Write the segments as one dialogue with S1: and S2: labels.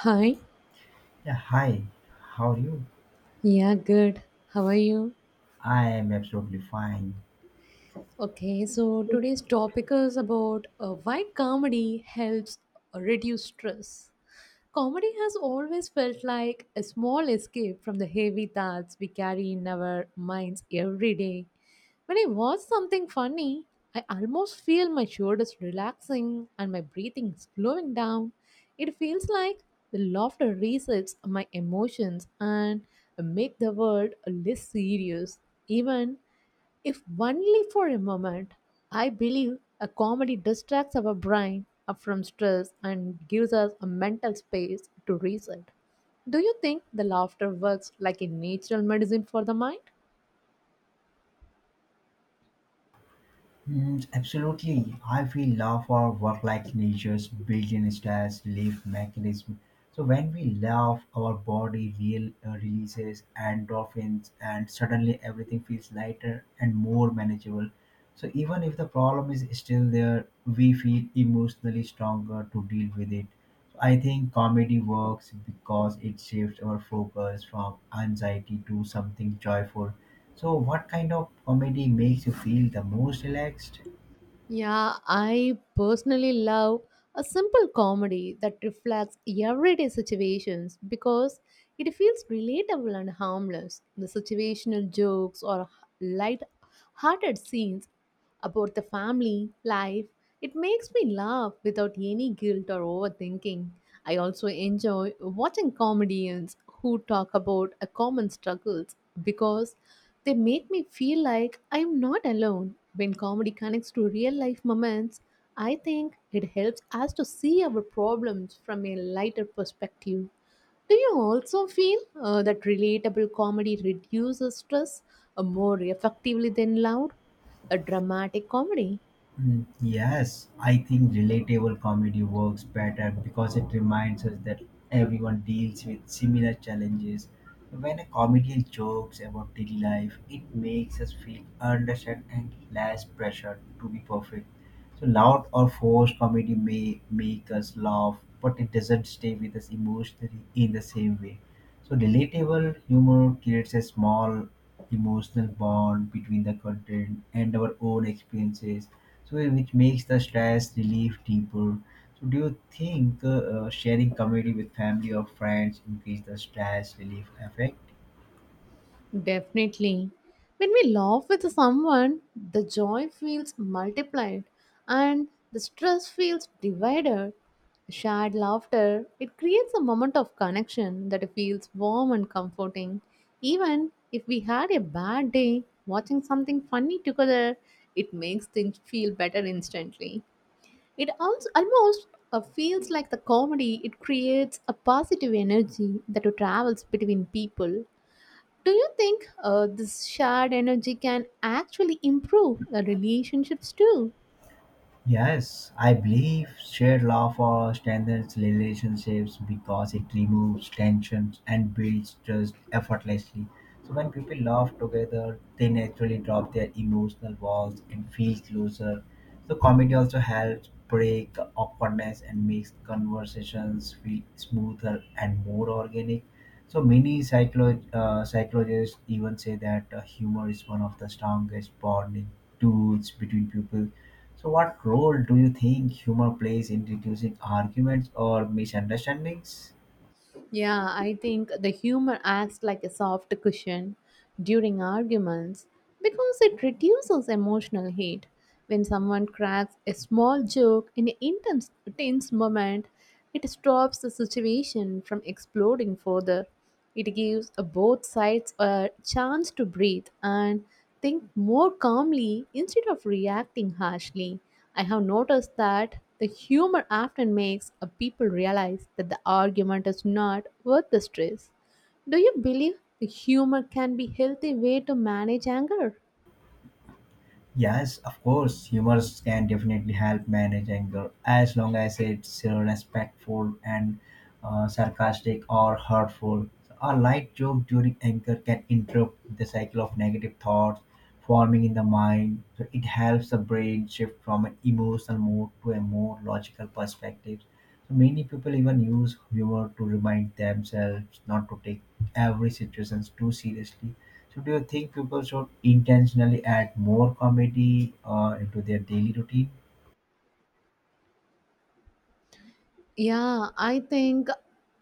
S1: Hi,
S2: Yeah, hi. How are you?
S1: yeah, good. How are you?
S2: I am absolutely fine.
S1: Okay, so today's topic is about why comedy helps reduce stress. Comedy has always felt like a small escape from the heavy thoughts we carry in our minds every day. When I watch something funny, I almost feel my shoulders relaxing and my breathing slowing down. It feels like the laughter resets my emotions and make the world less serious. Even if only for a moment, I believe a comedy distracts our brain from stress and gives us a mental space to reset. Do you think the laughter works like a natural medicine for the mind?
S2: Mm, absolutely. I feel love for work like nature's built-in stress relief mechanism. So when we laugh, our body releases endorphins and suddenly everything feels lighter and more manageable. So even if the problem is still there, we feel emotionally stronger to deal with it. So, I think comedy works because it shifts our focus from anxiety to something joyful. So what kind of comedy makes you feel the most relaxed?
S1: Yeah, I personally love a simple comedy that reflects everyday situations because it feels relatable and harmless. The situational jokes or light hearted scenes about the family, life, it makes me laugh without any guilt or overthinking. I also enjoy watching comedians who talk about a common struggles because they make me feel like I am not alone. When comedy connects to real life moments, I think it helps us to see our problems from a lighter perspective. Do you also feel that relatable comedy reduces stress more effectively than loud, a dramatic comedy?
S2: Mm, yes, I think relatable comedy works better because it reminds us that everyone deals with similar challenges. When a comedian jokes about daily life, it makes us feel understood and less pressure to be perfect. So, loud or forced comedy may make us laugh, but it doesn't stay with us emotionally in the same way. So relatable humor creates a small emotional bond between the content and our own experiences, so which makes the stress relief deeper. So do you think sharing comedy with family or friends increase the stress relief effect?
S1: Definitely. When we laugh with someone, the joy feels multiplied and the stress feels divided. Shared laughter, it creates a moment of connection that feels warm and comforting. Even if we had a bad day, watching something funny together, it makes things feel better instantly. It also almost feels like the comedy, it creates a positive energy that travels between people. Do you think this shared energy can actually improve the relationships too?
S2: Yes, I believe shared love for strengthens relationships because it removes tensions and builds trust effortlessly. So when people laugh together, they naturally drop their emotional walls and feel closer. So comedy also helps break the awkwardness and makes conversations feel smoother and more organic. So many psychologists even say that humor is one of the strongest bonding tools between people so, what role do you think humor plays in reducing arguments or misunderstandings?
S1: Yeah, I think the humor acts like a soft cushion during arguments because it reduces emotional heat. When someone cracks a small joke in an intense, tense moment, it stops the situation from exploding further. It gives both sides a chance to breathe and think more calmly instead of reacting harshly. I have noticed that the humor often makes people realize that the argument is not worth the stress. Do you believe the humor can be healthy way to manage anger?
S2: Yes, of course, humor can definitely help manage anger as long as it's respectful and sarcastic or hurtful. So, a light joke during anger can interrupt the cycle of negative thoughts forming in the mind. So it helps the brain shift from an emotional mode to a more logical perspective. So many people even use humor to remind themselves not to take every situation too seriously so do you think people should intentionally add more comedy into their daily routine?
S1: Yeah, I think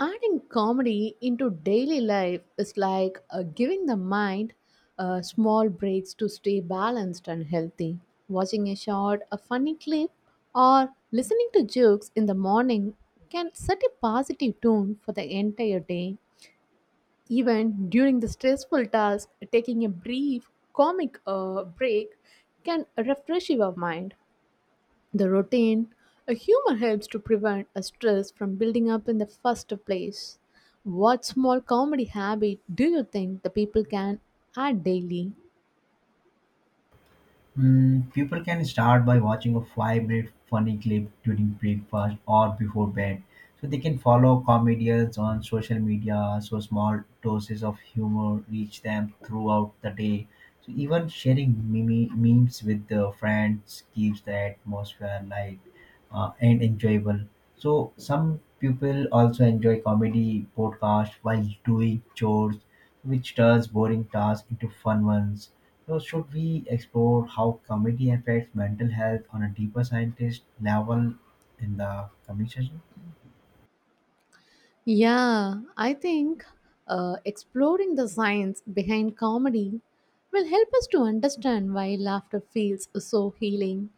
S1: adding comedy into daily life is like giving the mind small breaks to stay balanced and healthy. Watching a short, a funny clip, or listening to jokes in the morning can set a positive tone for the entire day. Even during the stressful task, taking a brief comic break can refresh your mind. The routine, a humor helps to prevent a stress from building up in the first place. What small comedy habit do you think the people can add daily?
S2: Mm, people can start by watching a 5 minute funny clip during breakfast or before bed. So they can follow comedians on social media so small doses of humor reach them throughout the day. So even sharing memes with the friends keeps the atmosphere light and enjoyable. So some people also enjoy comedy podcast while doing chores, which turns boring tasks into fun ones so should we explore how comedy affects mental health on a deeper scientist level in the coming session?
S1: Yeah, I think exploring the science behind comedy will help us to understand why laughter feels so healing.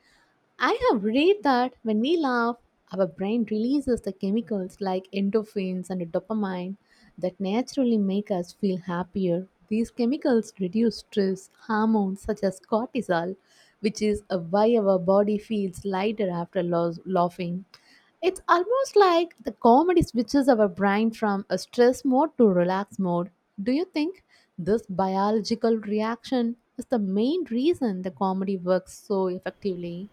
S1: I have read that when we laugh, our brain releases the chemicals like endorphins and dopamine that naturally make us feel happier. These chemicals reduce stress hormones such as cortisol, which is why our body feels lighter after laughing. It's almost like the comedy switches our brain from a stress mode to relax mode. Do you think this biological reaction is the main reason the comedy works so effectively?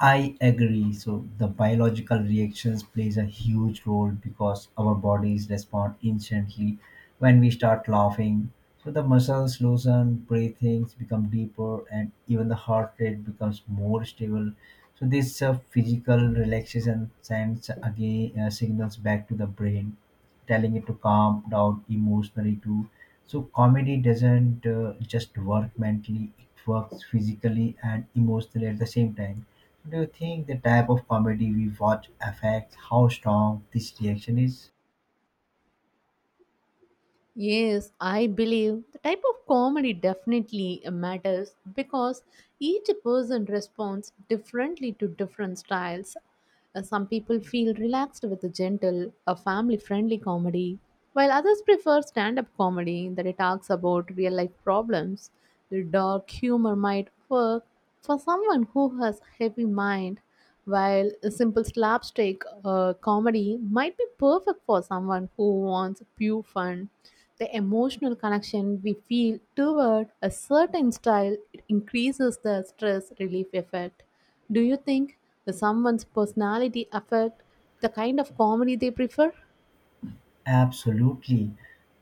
S2: I agree. So the biological reactions plays a huge role because our bodies respond instantly when we start laughing. So the muscles loosen, breathings become deeper, and even the heart rate becomes more stable. So this physical relaxation sends again signals back to the brain, telling it to calm down emotionally too. So comedy doesn't just work mentally; it works physically and emotionally at the same time. Do you think the type of comedy we watch affects how strong this reaction is?
S1: Yes, I believe the type of comedy definitely matters because each person responds differently to different styles. Some people feel relaxed with a gentle, a family friendly comedy, while others prefer stand up comedy that it talks about real life problems. The dark humor might work for someone who has heavy mind, while a simple slapstick comedy might be perfect for someone who wants pure fun. The emotional connection we feel toward a certain style it increases the stress relief effect. Do you think the someone's personality affect the kind of comedy they prefer?
S2: Absolutely.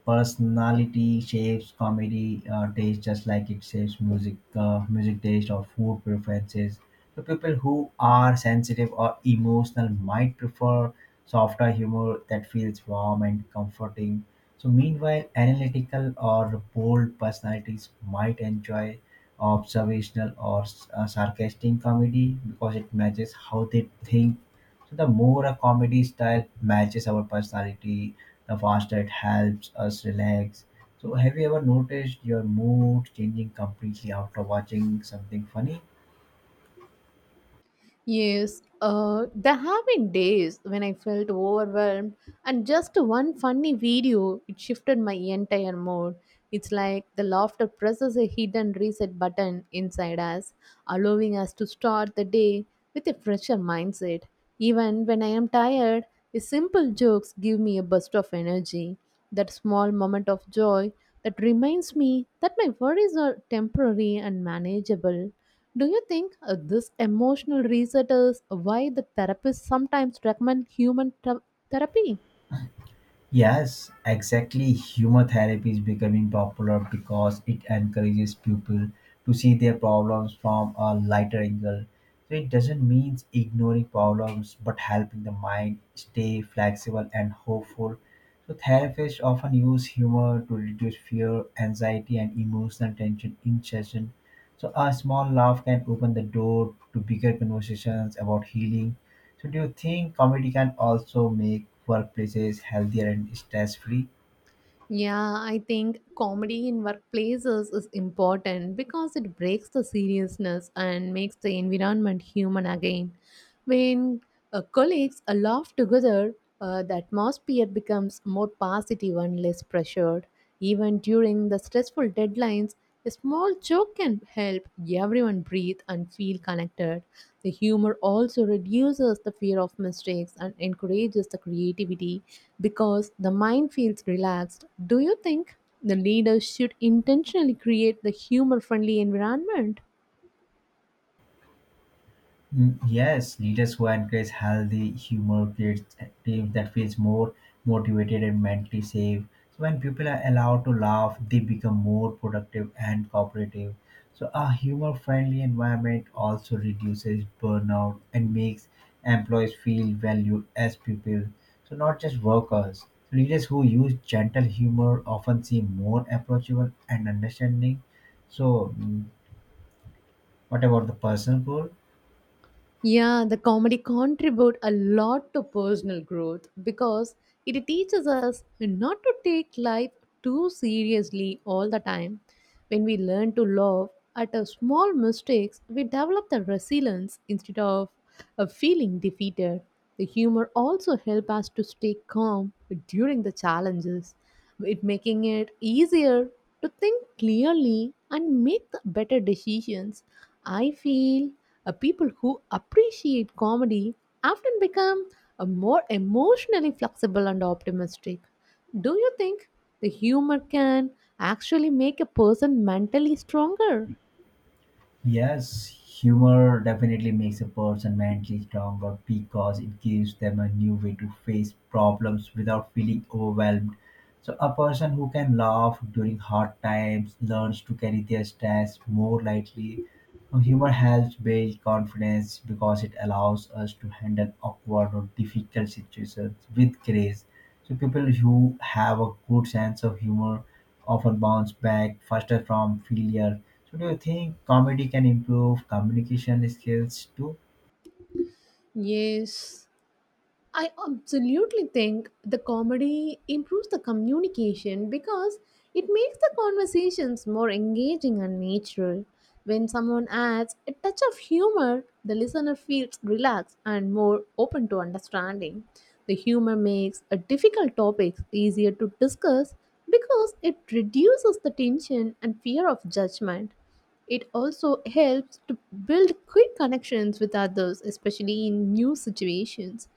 S2: Personality shapes comedy taste just like it shapes music taste or food preferences. So people who are sensitive or emotional might prefer softer humor that feels warm and comforting. So meanwhile, analytical or bold personalities might enjoy observational or sarcastic comedy because it matches how they think so the more a comedy style matches our personality, the faster it helps us relax. So, have you ever noticed your mood changing completely after watching something funny?
S1: Yes, there have been days when I felt overwhelmed, and just one funny video it shifted my entire mood. It's like the laughter presses a hidden reset button inside us, allowing us to start the day with a fresher mindset. Even when I am tired, the simple jokes give me a burst of energy. That small moment of joy that reminds me that my worries are temporary and manageable. Do you think this emotional reset is why the therapists sometimes recommend therapy?
S2: Yes, exactly. Humor therapy is becoming popular because it encourages people to see their problems from a lighter angle. So it doesn't mean ignoring problems but helping the mind stay flexible and hopeful. So therapists often use humor to reduce fear, anxiety, and emotional tension in session. So a small laugh can open the door to bigger conversations about healing so do you think comedy can also make workplaces healthier and stress-free?
S1: Yeah, I think comedy in workplaces is important because it breaks the seriousness and makes the environment human again. When colleagues laugh together, the atmosphere becomes more positive and less pressured. Even during the stressful deadlines, a small joke can help everyone breathe and feel connected. The humor also reduces the fear of mistakes and encourages the creativity because the mind feels relaxed. Do you think the leaders should intentionally create the humor friendly environment?
S2: Mm, yes, leaders who encourage healthy humor creates a team that feels more motivated and mentally safe. So when people are allowed to laugh, they become more productive and cooperative. So a humor-friendly environment also reduces burnout and makes employees feel valued as people. So not just workers. So leaders who use gentle humor often seem more approachable and understanding. So mm, what about the personal goal?
S1: Yeah, the comedy contribute a lot to personal growth because it teaches us not to take life too seriously all the time. When we learn to laugh at our small mistakes, we develop the resilience instead of a feeling defeated. The humor also helps us to stay calm during the challenges it making it easier to think clearly and make the better decisions. I feel people who appreciate comedy often become more emotionally flexible and optimistic. Do you think the humor can actually make a person mentally stronger?
S2: Yes, humor definitely makes a person mentally stronger because it gives them a new way to face problems without feeling overwhelmed. So, a person who can laugh during hard times learns to carry their stress more lightly. So humor helps build confidence because it allows us to handle awkward or difficult situations with grace. So people who have a good sense of humor often bounce back faster from failure. So do you think comedy can improve communication skills too?
S1: Yes, I absolutely think the comedy improves the communication because it makes the conversations more engaging and natural. When someone adds a touch of humor, the listener feels relaxed and more open to understanding. The humor makes a difficult topic easier to discuss because it reduces the tension and fear of judgment. It also helps to build quick connections with others, especially in new situations.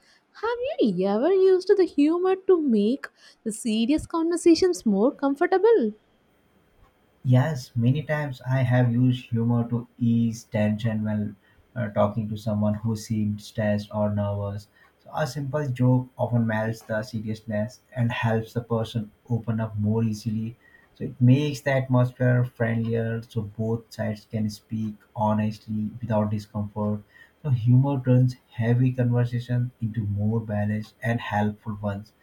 S1: Have you ever used the humor to make the serious conversations more comfortable?
S2: Yes, many times I have used humor to ease tension when talking to someone who seemed stressed or nervous. So a simple joke often melts the seriousness and helps the person open up more easily. So it makes the atmosphere friendlier so both sides can speak honestly without discomfort. So humor turns heavy conversations into more balanced and helpful ones.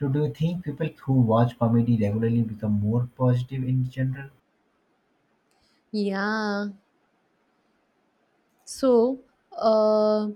S2: So do you think people who watch comedy regularly become more positive in general?
S1: Yeah. So, uh,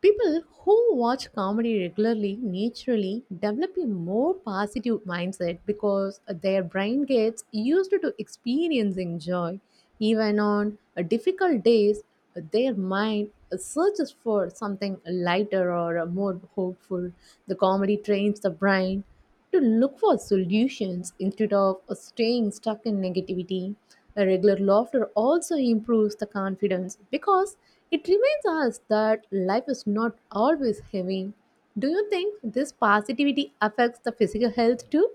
S1: people who watch comedy regularly naturally develop a more positive mindset because their brain gets used to experiencing joy. Even on difficult days, their mind searches for something lighter or more hopeful. The comedy trains the brain to look for solutions instead of staying stuck in negativity. A regular laughter also improves the confidence because it reminds us that life is not always heavy. Do you think this positivity affects the physical health too?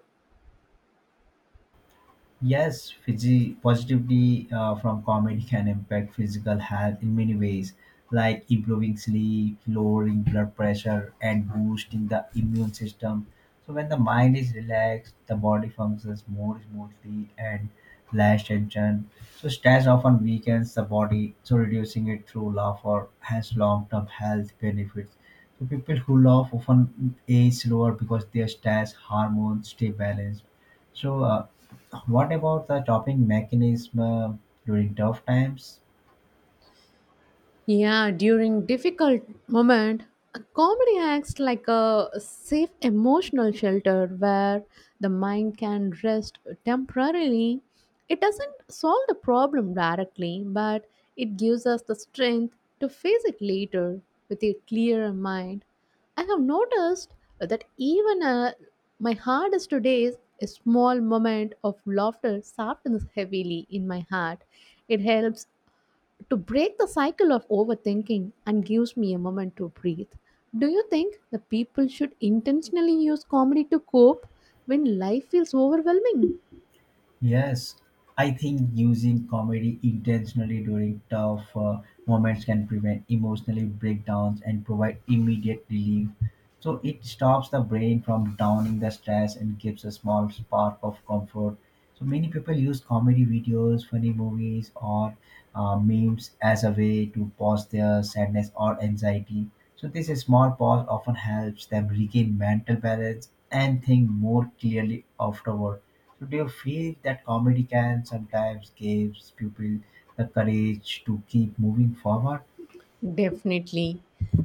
S2: Yes, Fiji positivity from comedy can impact physical health in many ways, like improving sleep, lowering blood pressure, and boosting the immune system. So when the mind is relaxed, the body functions more smoothly and less tension. So stress often weakens the body, so reducing it through laughter has long-term health benefits. So people who laugh often age slower because their stress hormones stay balanced. So. What about the coping mechanism during tough times?
S1: Yeah, during difficult moment, a comedy acts like a safe emotional shelter where the mind can rest temporarily. It doesn't solve the problem directly, but it gives us the strength to face it later with a clearer mind. I have noticed that even my hardest days, a small moment of laughter softens heavily in my heart. It helps to break the cycle of overthinking and gives me a moment to breathe. Do you think the people should intentionally use comedy to cope when life feels overwhelming?
S2: Yes, I think using comedy intentionally during tough moments can prevent emotional breakdowns and provide immediate relief. So it stops the brain from downing the stress and gives a small spark of comfort. So many people use comedy videos, funny movies, or memes as a way to pause their sadness or anxiety. So this small pause often helps them regain mental balance and think more clearly afterward. So do you feel that comedy can sometimes gives people the courage to keep moving forward?
S1: Definitely.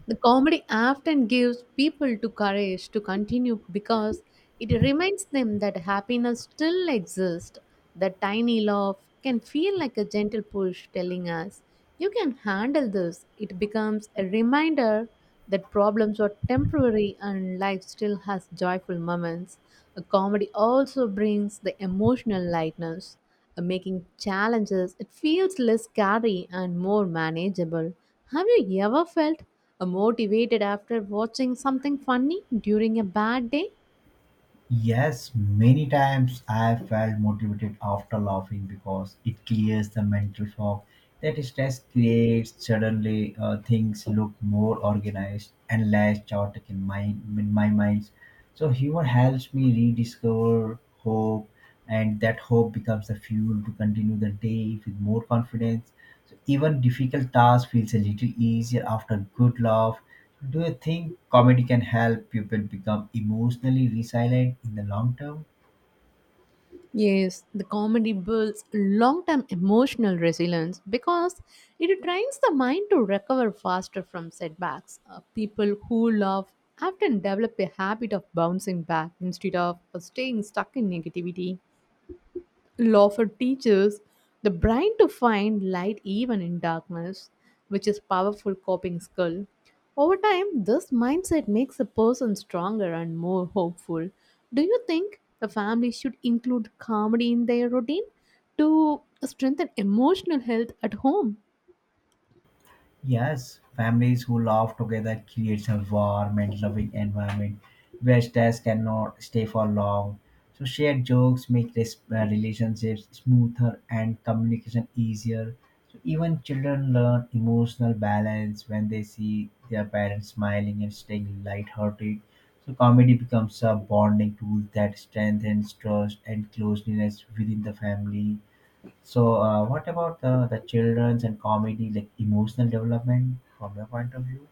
S1: The comedy often gives people to courage to continue because it reminds them that happiness still exists. The tiny laugh can feel like a gentle push telling us, you can handle this. It becomes a reminder that problems are temporary and life still has joyful moments. A comedy also brings the emotional lightness making challenges, it feels less scary and more manageable. Have you ever felt motivated after watching something funny during a bad day?
S2: Yes, many times I have felt motivated after laughing because it clears the mental fog that stress creates. Suddenly, things look more organized and less chaotic in my mind. So humor helps me rediscover hope, and that hope becomes the fuel to continue the day with more confidence. So even difficult task feels a little easier after a good laugh. Do you think comedy can help people become emotionally resilient in the long term?
S1: Yes, the comedy builds long term emotional resilience because it trains the mind to recover faster from setbacks. People who laugh often develop a habit of bouncing back instead of staying stuck in negativity. Lawford teaches the brain to find light even in darkness, which is powerful coping skill. Over time, this mindset makes a person stronger and more hopeful. Do you think the family should include comedy in their routine to strengthen emotional health at home?
S2: Yes, families who laugh together creates a warm and loving environment where stress cannot stay for long. So shared jokes make this relationships smoother and communication easier. So even children learn emotional balance when they see their parents smiling and staying lighthearted. So comedy becomes a bonding tool that strengthens trust and closeness within the family. So, what about the children's and comedy, like emotional development from your point of view?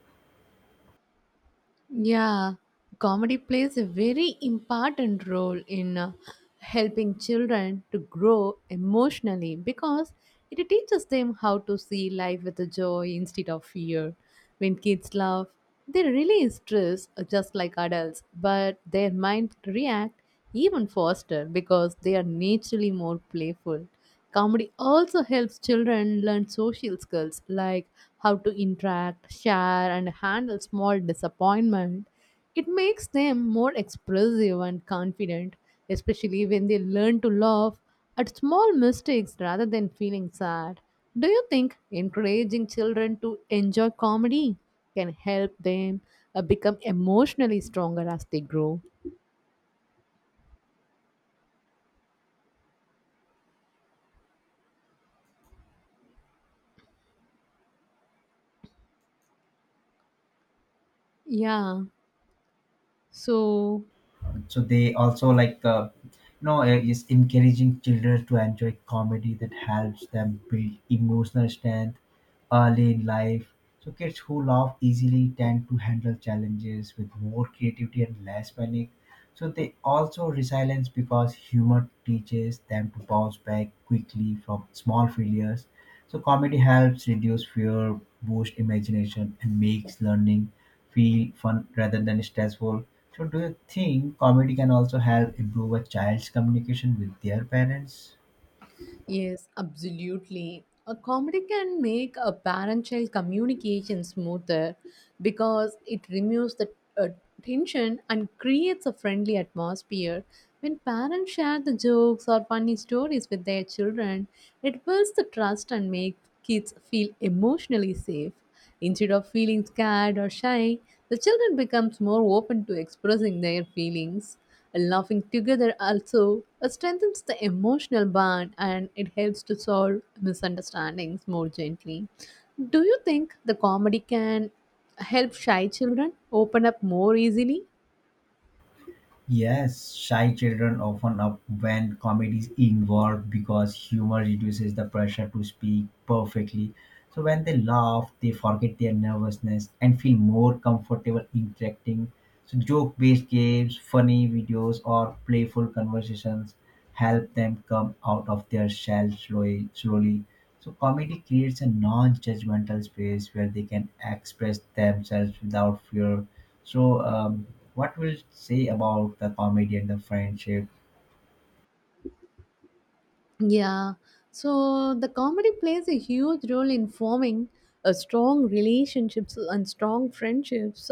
S1: Yeah, comedy plays a very important role in helping children to grow emotionally because it teaches them how to see life with a joy instead of fear. When kids laugh, they release stress just like adults, but their mind react even faster because they are naturally more playful. Comedy also helps children learn social skills like how to interact, share, and handle small disappointment. It makes them more expressive and confident, especially when they learn to laugh at small mistakes rather than feeling sad. Do you think encouraging children to enjoy comedy can help them become emotionally stronger as they grow? Yeah. So,
S2: So they also like is encouraging children to enjoy comedy that helps them build emotional strength early in life. So kids who laugh easily tend to handle challenges with more creativity and less panic. So they also resilience because humor teaches them to bounce back quickly from small failures. So comedy helps reduce fear, boost imagination, and makes learning feel fun rather than stressful. So, do you think comedy can also help improve a child's communication with their parents?
S1: yes, absolutely. A comedy can make a parent child communication smoother because it removes the uh, tension and creates a friendly atmosphere. When parents share the jokes or funny stories with their children, it builds the trust and makes kids feel emotionally safe. Instead of feeling scared or shy, the children becomes more open to expressing their feelings. Laughing together also strengthens the emotional bond and it helps to solve misunderstandings more gently. Do you think the comedy can help shy children open up more easily?
S2: Yes, shy children often up when comedy is involved because humor reduces the pressure to speak perfectly. So when they laugh, they forget their nervousness and feel more comfortable interacting. So joke-based games, funny videos, or playful conversations help them come out of their shell slowly. So comedy creates a non-judgmental space where they can express themselves without fear. So what we'll say about the comedy and the friendship?
S1: Yeah, so the comedy plays a huge role in forming strong relationships and strong friendships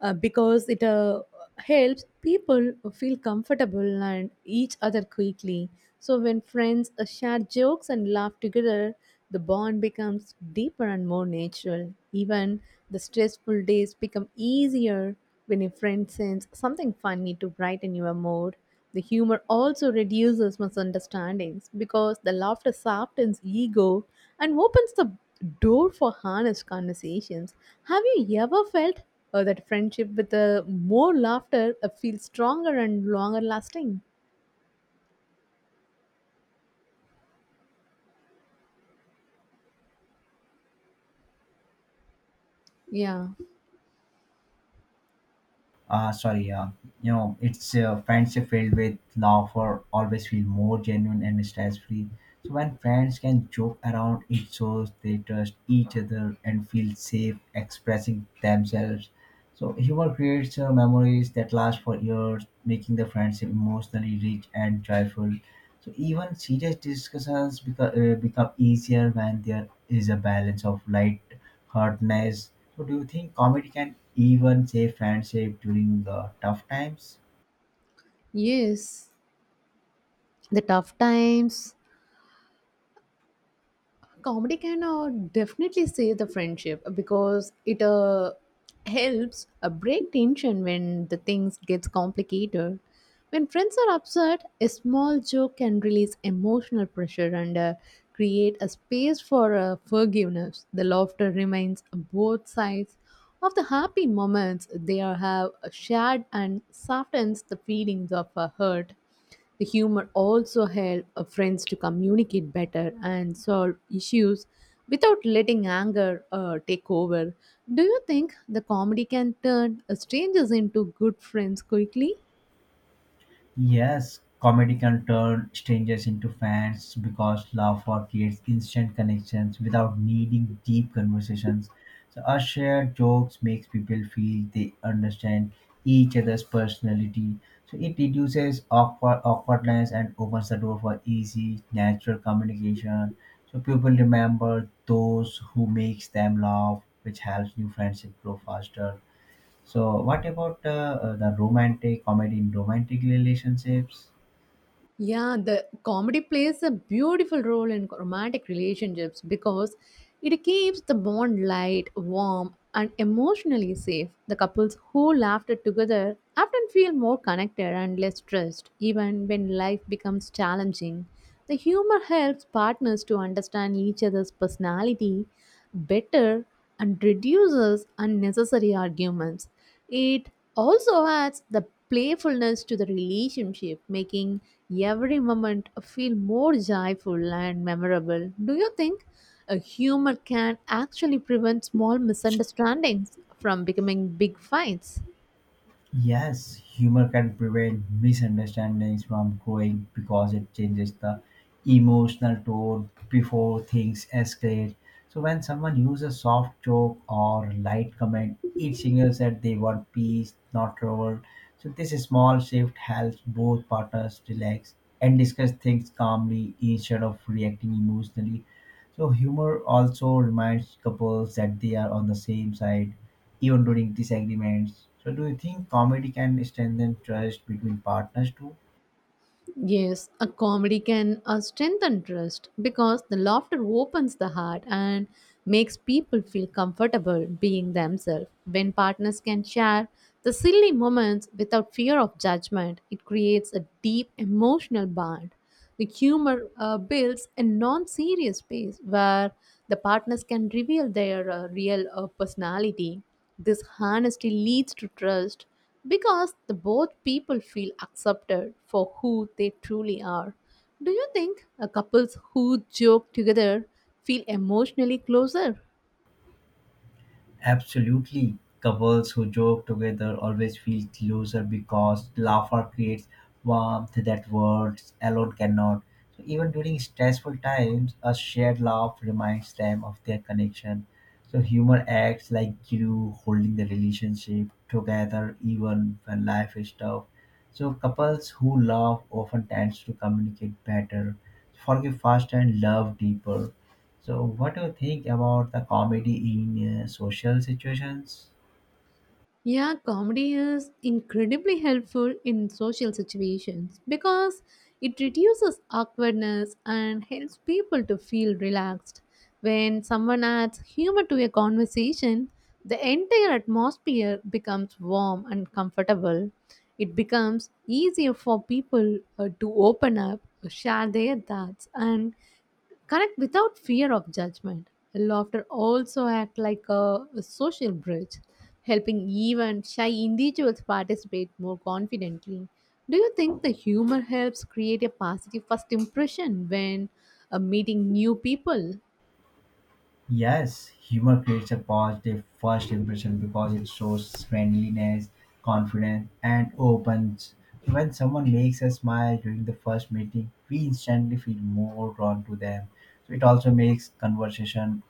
S1: because it helps people feel comfortable and each other quickly. So when friends share jokes and laugh together, the bond becomes deeper and more natural. Even the stressful days become easier when a friend sends something funny to brighten your mood. The humor also reduces misunderstandings because the laughter softens ego and opens the door for honest conversations. Have you ever felt that friendship with more laughter feels stronger and longer lasting? Yeah.
S2: Uh, sorry, uh, it's friendship filled with laughter always feel more genuine and stress-free. So when friends can joke around, it shows they trust each other and feel safe expressing themselves. So humor creates memories that last for years, making the friendship emotionally rich and joyful. So even serious discussions become easier when there is a balance of light-heartedness. So do you think comedy can even save friendship during tough times?
S1: Yes. The tough times comedy can definitely save the friendship because it helps break tension when the things gets complicated when friends are upset, a small joke can release emotional pressure and create a space for forgiveness. The laughter remains both sides of the happy moments they are have shared and softens the feelings of hurt. The humor also helps friends to communicate better and solve issues without letting anger take over. Do you think the comedy can turn strangers into good friends quickly?
S2: Yes, comedy can turn strangers into fans because laughter creates instant connections without needing deep conversations. So our shared jokes makes people feel they understand each other's personality. So it reduces awkwardness and opens the door for easy, natural communication. So people remember those who makes them laugh, which helps new friendship grow faster. So, what about the romantic comedy in romantic relationships?
S1: Yeah, the comedy plays a beautiful role in romantic relationships because it keeps the bond light, warm, and emotionally safe. The couples who laughter together often feel more connected and less stressed, even when life becomes challenging. The humor helps partners to understand each other's personality better and reduces unnecessary arguments. It also adds the playfulness to the relationship, making every moment feel more joyful and memorable. Do you think a humor can actually prevent small misunderstandings from becoming big fights?
S2: Yes, humor can prevent misunderstandings from growing because it changes the emotional tone before things escalate. So, when someone uses a soft joke or light comment, it signals that they want peace, not trouble. So, this small shift helps both partners relax and discuss things calmly instead of reacting emotionally. So humor also reminds couples that they are on the same side, even during disagreements. So do you think comedy can strengthen trust between partners too?
S1: Yes, a comedy can strengthen trust because the laughter opens the heart and makes people feel comfortable being themselves. When partners can share the silly moments without fear of judgment, it creates a deep emotional bond. The humor builds a non serious space where the partners can reveal their real personality. This honesty leads to trust because the both people feel accepted for who they truly are. Do you think a couples who joke together feel emotionally closer?
S2: Absolutely. Couples who joke together always feel closer because laughter creates warmth that words alone cannot. So even during stressful times, a shared laugh reminds them of their connection. So humor acts like glue holding the relationship together even when life is tough. So couples who laugh often tends to communicate better, forgive faster and love deeper. So, what do you think about the comedy in social situations?
S1: Yeah, comedy is incredibly helpful in social situations because it reduces awkwardness and helps people to feel relaxed. When someone adds humor to a conversation, the entire atmosphere becomes warm and comfortable. It becomes easier for people to open up, share their thoughts, and connect without fear of judgment. Laughter also act like a social bridge, helping even shy individuals participate more confidently. Do you think the humor helps create a positive first impression when meeting new people?
S2: Yes, humor creates a positive first impression because it shows friendliness, confidence, and opens. When someone makes a smile during the first meeting, we instantly feel more drawn to them. So it also makes conversation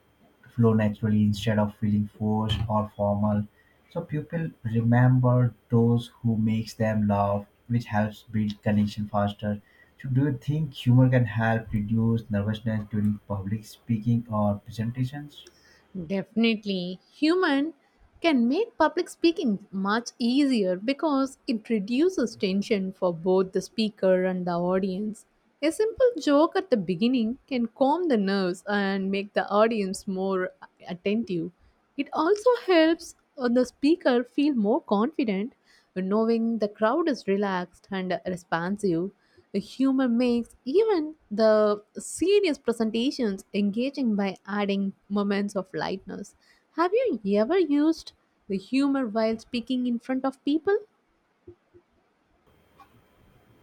S2: flow naturally instead of feeling forced or formal. So people remember those who makes them laugh, which helps build connection faster. So do you think humor can help reduce nervousness during public speaking or presentations?
S1: Definitely, human can make public speaking much easier because it reduces tension for both the speaker and the audience. A simple joke at the beginning can calm the nerves and make the audience more attentive. It also helps the speaker feel more confident knowing the crowd is relaxed and responsive. The humor makes even the serious presentations engaging by adding moments of lightness. Have you ever used the humor while speaking in front of people?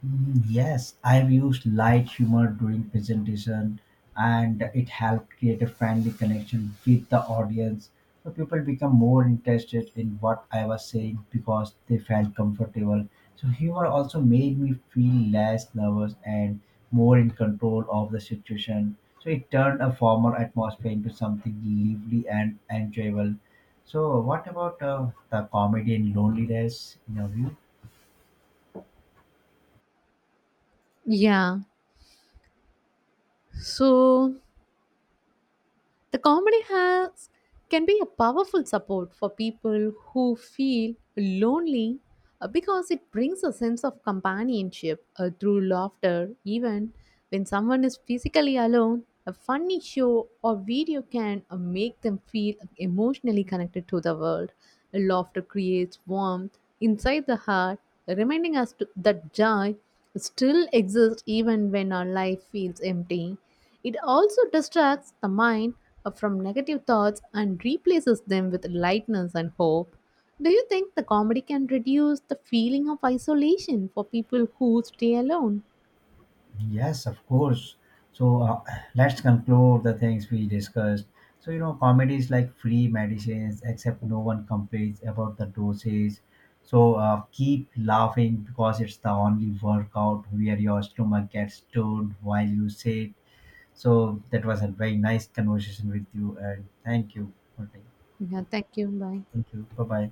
S2: Mm, yes, I've used light humor during presentation and it helped create a friendly connection with the audience. So people become more interested in what I was saying because they felt comfortable. So humor also made me feel less nervous and more in control of the situation. So it turned a formal atmosphere into something lively and enjoyable. So what about the comedy and loneliness in your view?
S1: Yeah. So The comedy has can be a powerful support for people who feel lonely because it brings a sense of companionship through laughter even when someone is physically alone. A funny show or video can make them feel emotionally connected to the world. Laughter creates warmth inside the heart, reminding us that joy still exists even when our life feels empty. It also distracts the mind from negative thoughts and replaces them with lightness and hope. Do you think the comedy can reduce the feeling of isolation for people who stay alone?
S2: Yes, of course. So let's conclude the things we discussed. So, you know, comedy is like free medicines, except no one complains about the dosage. So keep laughing because it's the only workout where your stomach gets stoned while you sit. So that was a very nice conversation with you, and thank you for that.
S1: Yeah, thank you. Bye.
S2: Thank you. Bye bye.